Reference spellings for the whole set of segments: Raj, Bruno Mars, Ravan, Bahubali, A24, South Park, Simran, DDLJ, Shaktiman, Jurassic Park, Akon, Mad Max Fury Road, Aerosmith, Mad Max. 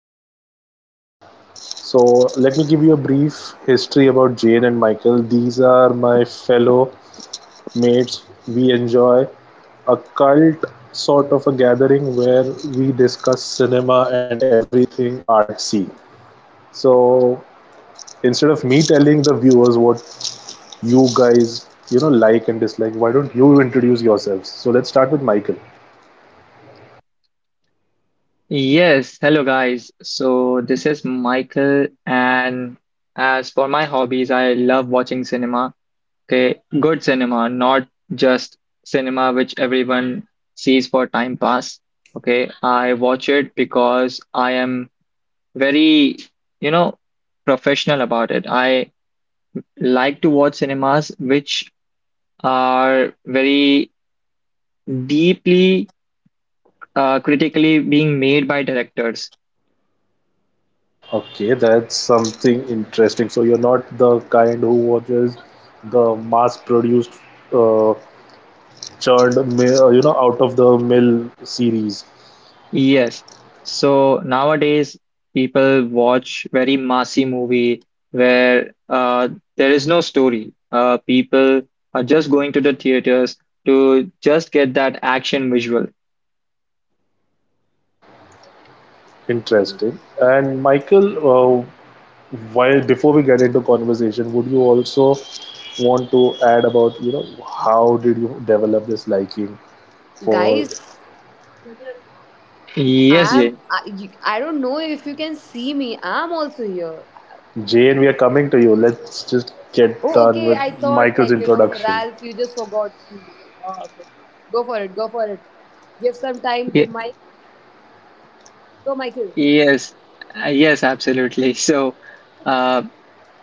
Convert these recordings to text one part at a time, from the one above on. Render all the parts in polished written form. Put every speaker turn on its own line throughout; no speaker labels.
Michael. So, let me give you a brief history about Jane and Michael. These are my fellow mates. We enjoy a cult sort of a gathering where we discuss cinema and everything artsy. So instead of me telling the viewers what you guys like and dislike, why don't you introduce yourselves? So let's start with Michael.
Yes, hello guys. So this is Michael, and as for my hobbies, I love watching cinema. Okay, good cinema, not just cinema which everyone sees for time pass. Okay, I watch it because I am very, you know, professional about it. I like to watch cinemas which are very deeply critically being made by directors.
Okay, that's something interesting. So you're not the kind who watches the mass-produced, uh, churned, out-of-the-mill series.
Yes. So nowadays, people watch very massy movie where there is no story. People are just going to the theaters to just get that action visual.
Interesting. And Michael, while before we get into conversation, would you also want to add about how did you develop this liking for
Guys,
Yes,
I'm
Jane.
I, you, I don't know if you can see me. I'm also here.
Jane, we are coming to you. Let's just get
Oh,
done
okay.
with
I thought,
Michael's
like,
introduction.
Ralph, you just forgot me. Oh, okay. Go for it. Go for it. Give some time to
Ye
Mike. So, Michael,
yes, yes, absolutely. So, uh,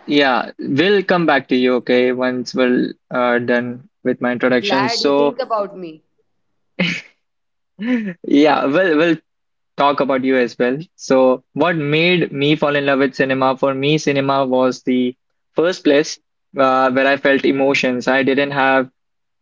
yeah, we'll come back to you, okay, once we're done with my introduction.
glad you
So,
think about me.
yeah, we'll talk about you as well. So, what made me fall in love with cinema? For me, cinema was the first place where I felt emotions. I didn't have,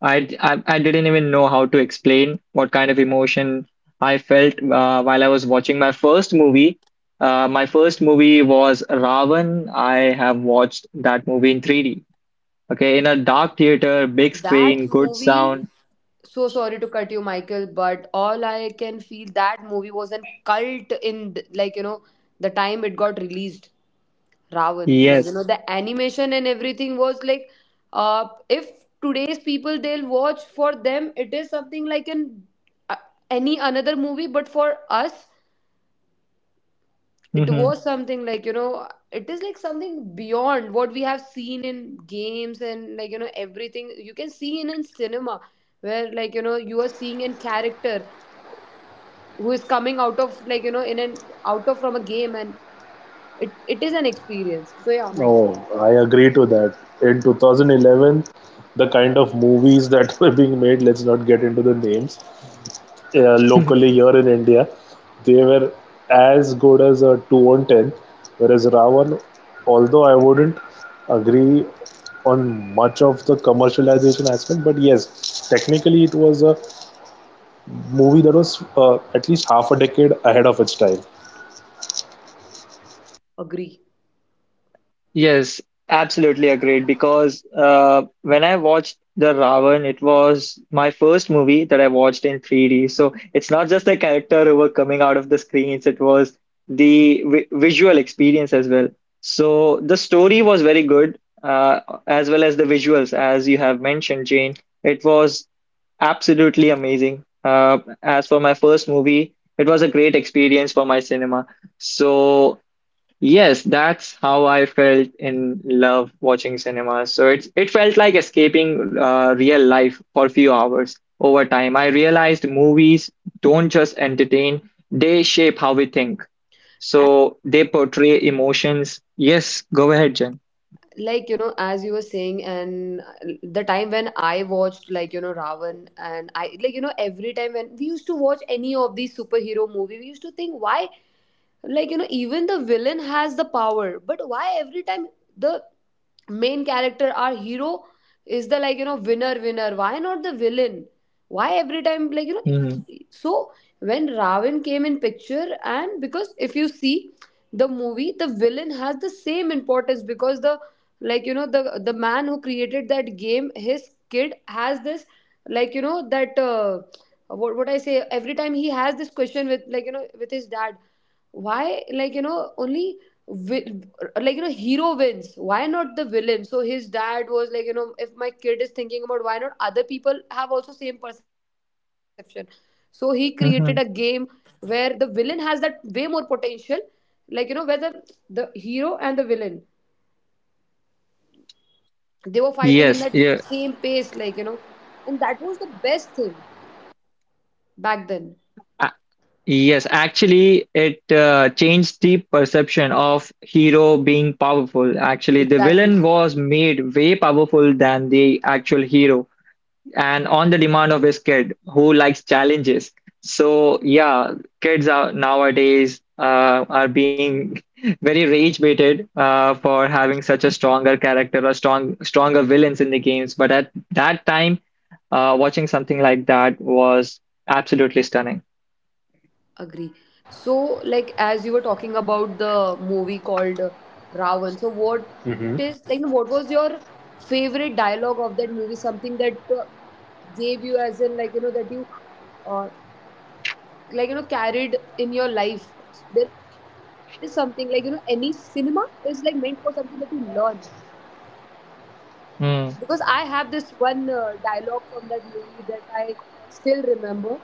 I didn't even know how to explain what kind of emotion I felt while I was watching my first movie. My first movie was Ravan. I have watched that movie in 3D. Okay, in a dark theater, big
That
screen, good
movie,
sound.
so sorry to cut you, Michael, but all I can feel, that movie was a cult in like, the time it got released. Ravan. Like,
Yes.
the animation and everything was like, if today's people, they'll watch, for them it is something like an uh, any another movie, but for us, it
Hmm.
was something, like, it is like something beyond what we have seen in games, and, like, everything you can see in, cinema, where, like, you are seeing a character who is coming out of, like, in an out of from a game, and it is an experience. So yeah, Michael,
Oh, I agree to that. In 2011, the kind of movies that were being made, let's not get into the names, locally here in India, they were as good as a 2 on 10. Whereas Ravan, although I wouldn't agree on much of the commercialization aspect, but yes, technically it was a movie that was at least half a decade ahead of its time.
agree.
Yes, absolutely agreed. Because when I watched The Ravan, it was my first movie that I watched in 3D. So it's not just the character who were coming out of the screens, it was the vi visual experience as well. So the story was very good, as well as the visuals, as you have mentioned, Jane. It was absolutely amazing. As for my first movie, it was a great experience for my cinema. So, yes, that's how I felt in love watching cinema. So it felt like escaping real life for a few hours. Over time, I realized movies don't just entertain, they shape how we think. So they portray emotions. Yes, go ahead, Jen.
Like, as you were saying, and the time when I watched, like, Ravan, and I, like, every time when we used to watch any of these superhero movie, we used to think, why, like, even the villain has the power, but why every time the main character, our hero, is the, like, winner, why not the villain, why every time, like,
Mhm,
so, when Ravan came in picture, and because if you see the movie, the villain has the same importance, because the, like, the man who created that game, his kid has this, like, that what I say, every time he has this question with, like, with his dad, why, like, only vi- like, hero wins, why not the villain? So his dad was like, if my kid is thinking about why not, other people have also same perception, so he created a game
mhm.
where the villain has that way more potential, like, where the hero and the villain, they were fighting in that
Yes, yeah,
same pace, like, and that was the best thing back then.
a- yes. Actually, it changed the perception of hero being powerful. Actually, the
Exactly.
villain was made way powerful than the actual hero and on the demand of his kid who likes challenges. So yeah, kids are nowadays are being very rage baited for having such a stronger character or stronger villains in the games. But at that time, watching something like that was absolutely stunning.
Agree. So, like, as you were talking about the movie called Ravan, so what is, like, no, what was your favorite dialogue of that movie? Something that gave you, as in, like, that you uh, like, carried in your life. There is something, like, any cinema is like meant for something that you learn.
Mm.
Because I have this one dialogue from that movie that I still remember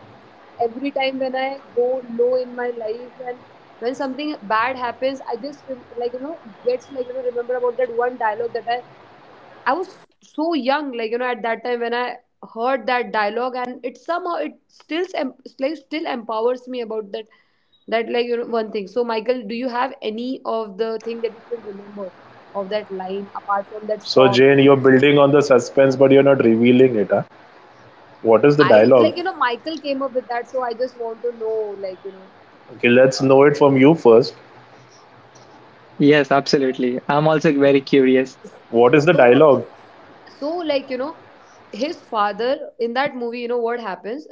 every time when I go low in my life, and when something bad happens, I just like, gets, like, remember about that one dialogue that I was so young, like, at that time when I heard that dialogue, and it somehow, it still like, still empowers me about that like, one thing. So, Michael, do you have any of the thing that you still remember of that line apart from that
So,
song?
Jane, you're building on the suspense, but you're not revealing it. Huh? What is the
I,
dialogue?
like, Michael came up with that, so I just want to know.
Okay, let's know it from you first.
Yes, absolutely. I'm also very curious.
What is the
so
dialogue?
so like, his father in that movie, you know what happens,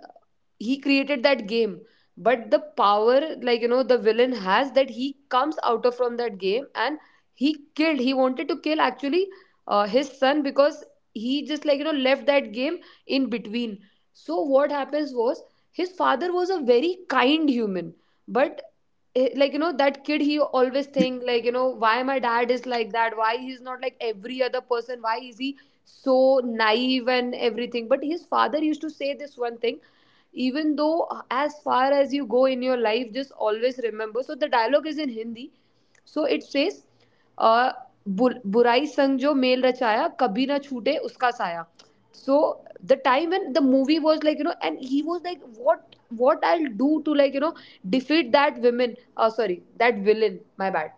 he created that game, but the power, like, the villain has that, he comes out of from that game, and he wanted to kill, actually, his son, because he just, like, left that game in between. So what happens was, his father was a very kind human, but like, that kid, he always think, like, why my dad is like that, why he's not like every other person, why is he so naive and everything, but his father used to say this one thing, even though as far as you go in your life, just always remember. So the dialogue is in Hindi, so it says, uh, बुराई संग जो mail रचाया कभी ना छूटे उसका साया. So the time when the movie was, like, and he was like, what I'll do to, like, defeat that women, sorry, that villain, my bad,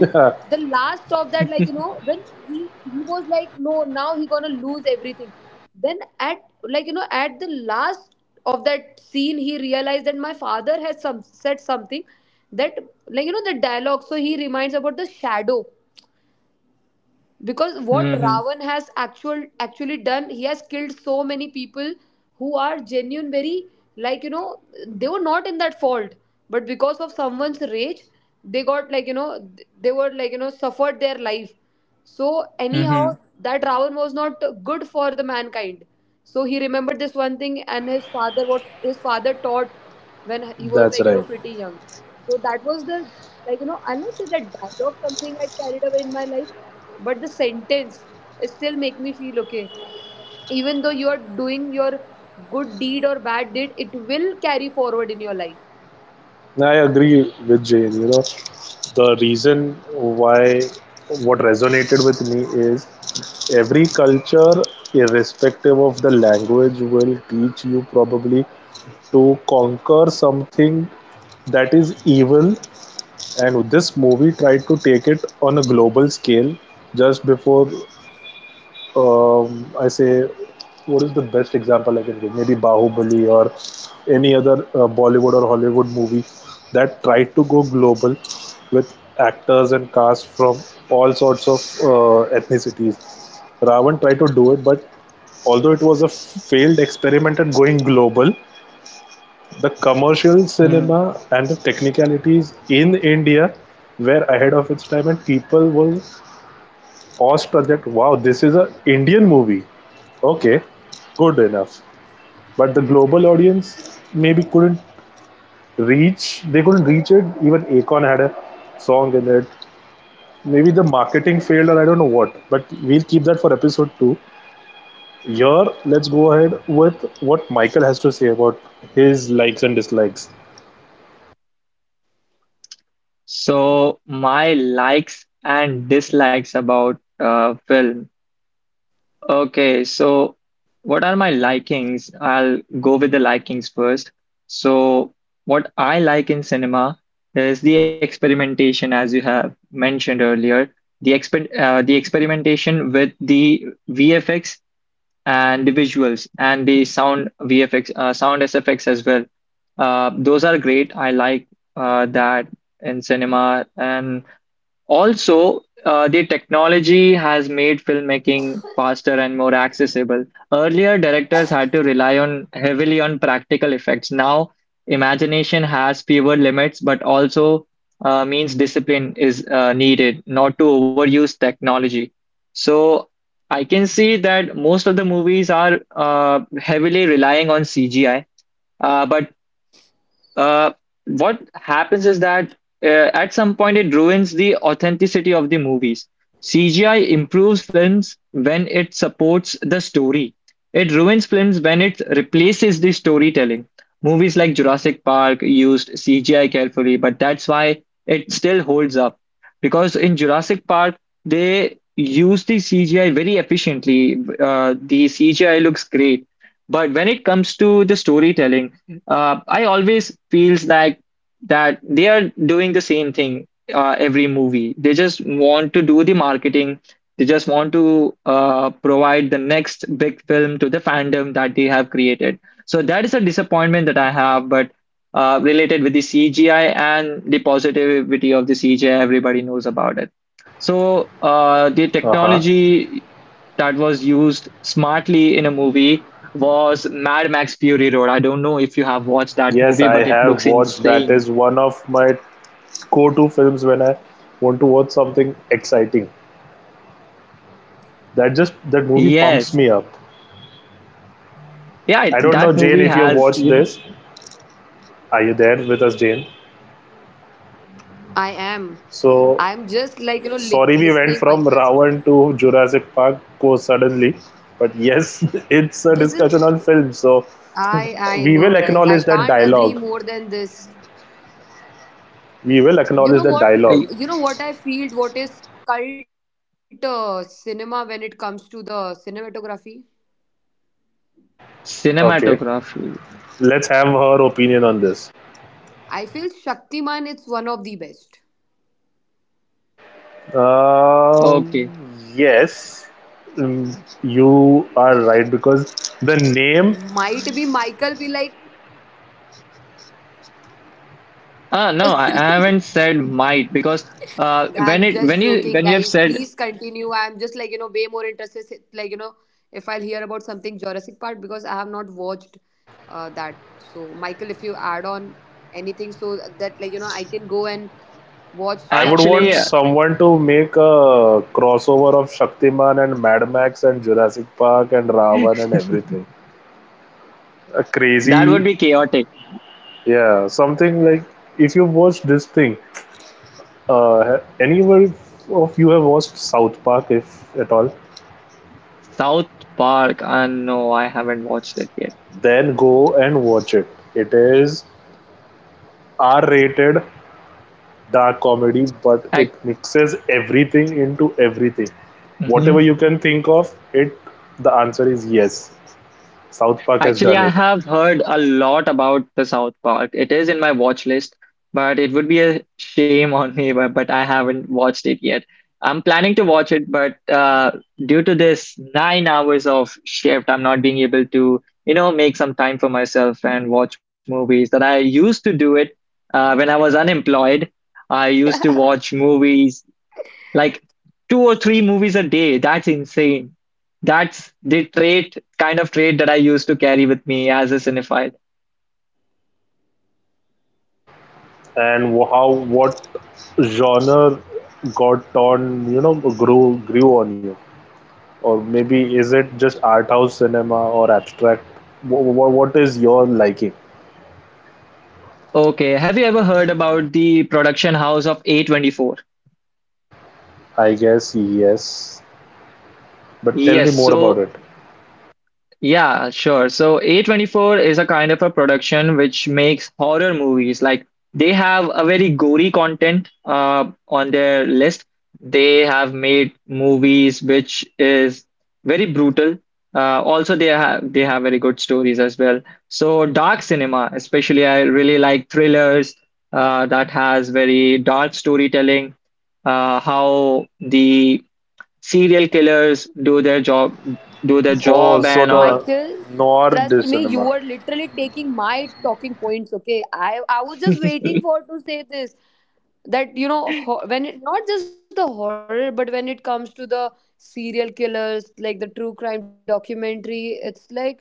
the last of that, like, when he was like, no, now he gonna lose everything, then at, like, at the last of that scene, he realized that my father has some said something, that, like, the dialogue, so he reminds about the shadow, because what
Hmm.
Ravan has actually done, he has killed so many people who are genuine, very, like, they were not in that fault, but because of someone's rage, they got, like, they were, like, suffered their life, so anyhow,
Hmm.
that Ravan was not good for the mankind. So he remembered this one thing, and his father, what his father taught when he was,
That's
like,
right.
pretty young. So that was the, like, I'll not say that dialogue something I carried away in my life, but the sentence still make me feel okay, even though you are doing your good deed or bad deed, it will carry forward in your life.
I agree with Jane. You know, the reason why what resonated with me is every culture, irrespective of the language, will teach you probably to conquer something that is evil. And this movie tried to take it on a global scale just before, I say, what is the best example I can give? Maybe Bahubali or any other Bollywood or Hollywood movie that tried to go global with actors and cast from all sorts of ethnicities. Ravan tried to do it, but although it was a failed experiment at going global, the commercial cinema and the technicalities in India were ahead of its time, and people were awestruck that wow, this is a Indian movie. Okay, good enough. But the global audience maybe couldn't reach. They couldn't reach it. Even Akon had a song in it. Maybe the marketing failed, or I don't know what. But we'll keep that for episode two. Here, let's go ahead with what Michael has to say about his likes and dislikes.
So my likes and dislikes about film. Okay, so what are my likings? I'll go with the likings first. So, what I like in cinema is the experimentation, as you have mentioned earlier, the experimentation with the VFX and the visuals and the sound VFX, sound SFX as well. Those are great. I like that in cinema, and also, the technology has made filmmaking faster and more accessible. Earlier, directors had to rely on heavily on practical effects. Now, imagination has fewer limits, but also means discipline is needed not to overuse technology. So, I can see that most of the movies are heavily relying on CGI. But uh, what happens is that at some point it ruins the authenticity of the movies. CGI improves films when it supports the story. It ruins films when it replaces the storytelling. Movies like Jurassic Park used CGI carefully, but that's why it still holds up. Because in Jurassic Park, they use the CGI very efficiently. The CGI looks great. But when it comes to the storytelling, I always feels like that they are doing the same thing every movie. They just want to do the marketing. They just want to provide the next big film to the fandom that they have created. So that is a disappointment that I have, but related with the CGI and the positivity of the CGI, everybody knows about it. So the
Uh huh.
technology that was used smartly in a movie was Mad Max Fury Road. I don't know if you have watched that
Yes,
movie,
I
but it
have
looks
watched. That
insane.
is one of my go-to films when I want to watch something exciting. That movie pumps
Yes.
me up.
Yeah,
I don't know,
that
Jane,
movie
if you have
has
watched this. Are you there with us, Jane?
I am i am
So
just, like,
sorry, we
listening,
went from
Michael.
Ravan to Jurassic Park so suddenly, but yes, it's a discussion
This
on
is,
film. So
i
we will
I know,
acknowledge that
right, I
dialogue.
can't agree more than this.
We will acknowledge that
you know
dialogue.
a
what you know what I feel, what is cult cinema when it comes to the cinematography?
Okay,
cinematography.
let's have her opinion on this.
I feel Shaktiman is one of the best.
Okay.
Um, yes, Mm, you are right because the name,
Might be Michael be like,
Ah, no, I haven't said might because uh
I'm
when it
just
when you
joking,
when you
guys,
have
please
said
continue. I'm just, like, way more interested, like, if I'll hear about something Jurassic Park, because I have not watched that. So, Michael, if you add on anything so that, like, I can go and
I would
watch
want
Actually,
that
someone
movie.
to make a crossover of Shaktiman and Mad Max and Jurassic Park and Ravan and everything. A
that
crazy,
would be chaotic.
yeah, something like if you watch this thing, anyone of you have watched South Park, if at all,
South Park. Ah, no, I haven't watched it yet.
then go and watch it. It is R rated dark comedy, but it mixes everything into everything.
I,
Whatever you can think of, it the answer is yes. South Park has
Actually,
done
I
it,
have heard a lot about the South Park. It is in my watch list, but it would be a shame on me, but, I haven't watched it yet. I'm planning to watch it, but due to this 9 hours of shift, I'm not being able to make some time for myself and watch movies that I used to do it when I was unemployed. I used to watch movies like two or three movies a day. That's insane. That's the trait, kind of trait that I used to carry with me as a cinephile.
and how what genre got on grew on you, or maybe is it just art house cinema or abstract? What, what is your liking?
Okay, have you ever heard about the production house of A24?
I guess yes, but tell me
Yes,
more about
so
it.
yeah, sure. So A24 is a kind of a production which makes horror movies. Like they have a very gory content on their list. They have made movies which is very brutal. Also, they have very good stories as well. So dark cinema, especially, I really like thrillers that has very dark storytelling. How the serial killers do their job, do their
Oh,
job,
so
and or.
the
Michael,
noir de
trust me, you
cinema.
were literally taking my talking points. Okay, I was just waiting for to say this, that, you know, when it, not just the horror, but when it comes to the serial killers, like the true crime documentary, it's like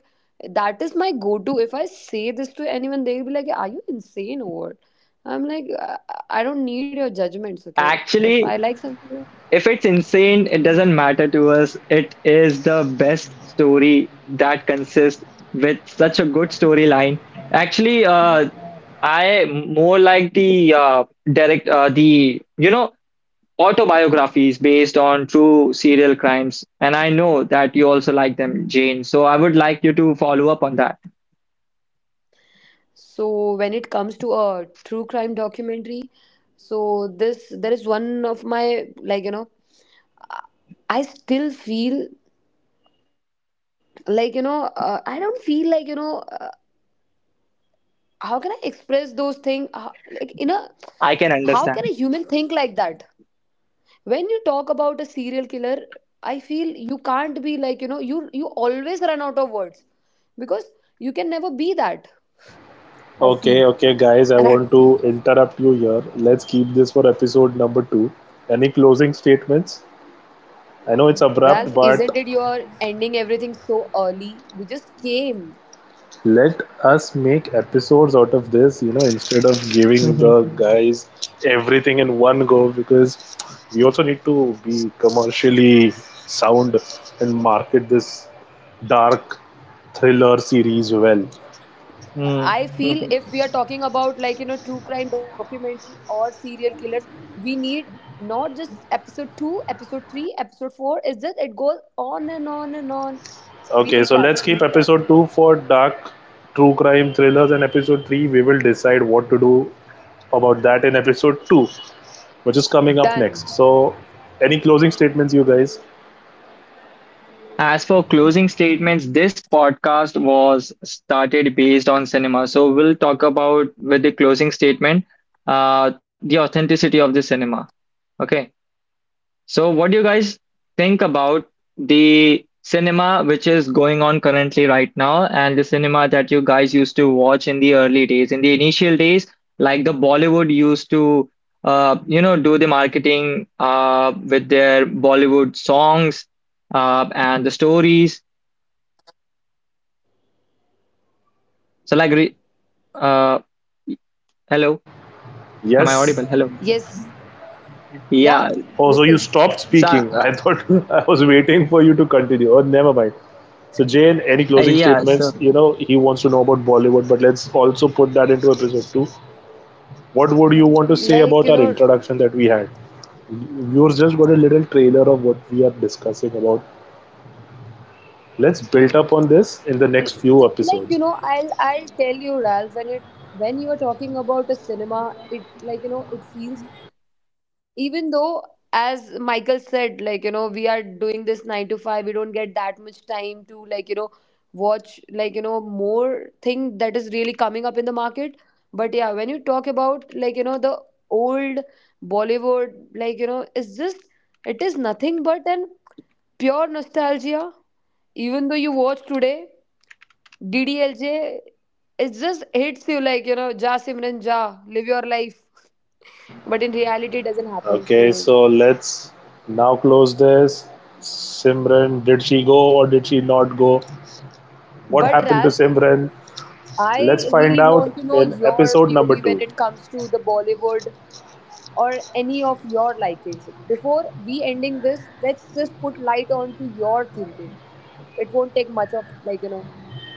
that is my go-to. If I say this to anyone, they'll be like, "Are you insane or what?" I'm like, I don't need your judgments. Okay,
Actually,
if I like something.
if it's insane, it doesn't matter to us. It is the best story that consists with such a good storyline. Actually, I more like the autobiographies based on true serial crimes, and I know that you also like them, Jane. So I would like you to follow up on that.
So when it comes to a true crime documentary, so this, there is one of my, like, I still feel, like, I don't feel, like, how can I express those things, like, in a,
I can
how
understand.
can a human think like that? When you talk about a serial killer, I feel you can't be, like, you always run out of words, because you can never be that.
Okay, okay,
I feel.
guys, I want to
And. I,
interrupt you here. Let's keep this for episode number two. Any closing statements? I know it's abrupt, but
Ralph, isn't it you're ending everything so early? We just came.
let us make episodes out of this, you know, instead of giving the guys everything in one go because we also need to be commercially sound and market this dark thriller series well.
Hmm.
I feel, if we are talking about, like, true crime documentary or serial killers, we need not just episode 2, episode 3, episode 4. It's just, it goes on and on and on.
Okay, so let's
We
keep
need that.
episode
We
2
need
for
that.
dark true crime thrillers, and episode 3 we will decide what to do about that in episode 2, which is coming up next. So,
Done.
any closing statements, you guys?
As for closing statements, this podcast was started based on cinema. So we'll talk about with the closing statement, the authenticity of the cinema. Okay. So what do you guys think about the cinema which is going on currently right now and the cinema that you guys used to watch in the early days, in the initial days, like the Bollywood used to do the marketing with their Bollywood songs and the stories. So like, uh, hello, am I
Yes?
audible? Hello.
Yes.
Yeah.
Yeah.
Oh, so you
Listening.
stopped
So
speaking. I thought I was waiting for you to continue. Oh, never mind. So, Jane, any closing
yeah. So
statements? You know, he wants to know about Bollywood, but let's also put that into episode 2. What would you want to say about
Like,
our introduction that we had? Viewers just got a little trailer of what we are discussing about. Let's build up on this in the next few
l- like,
episodes.
I'll tell you, Ralph, when it, when you are talking about a cinema, it, like, it feels, even though, as Michael said, like, we are doing this 9 to 5, we don't get that much time to, like, watch, like, more thing that is really coming up in the market, but yeah, when you talk about, like, the old Bollywood, like, it's just, it is nothing but an pure nostalgia. Even though you watch today DDLJ, it just hits you, like, Ja Simran ja, live your life, but in reality it doesn't happen,
Okay,
so.
so let's now close this. Simran, did she go or did she not go? What
But
happened to
Ralph,
Simran? Let's
I
find
really
out
want to know
in
your
episode number
POV when
2.
it comes to the Bollywood or any of your likings. Before we ending this, let's just put light on to your thinking. It won't take much of, like,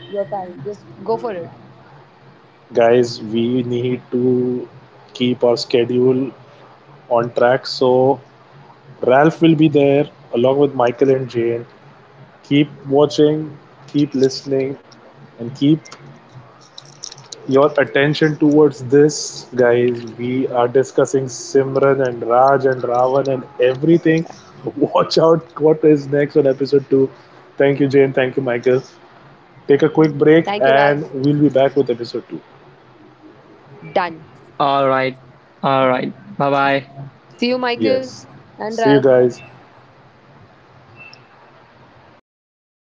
your time. Just go for it.
Guys, we need to keep our schedule on track, so Ralph will be there along with Michael and Jane. Keep watching, keep listening, and keep your attention towards this, guys. We are discussing Simran and Raj and Ravan and everything. Watch out what is next on episode 2. Thank you, Jane. Thank you, Michael.
Thank
Take a
you,
quick
Ralph.
break and we'll be back with episode 2.
Done.
all right, all right. Bye bye.
See you, Michael
Yes.
and
See you
Ralph.
guys.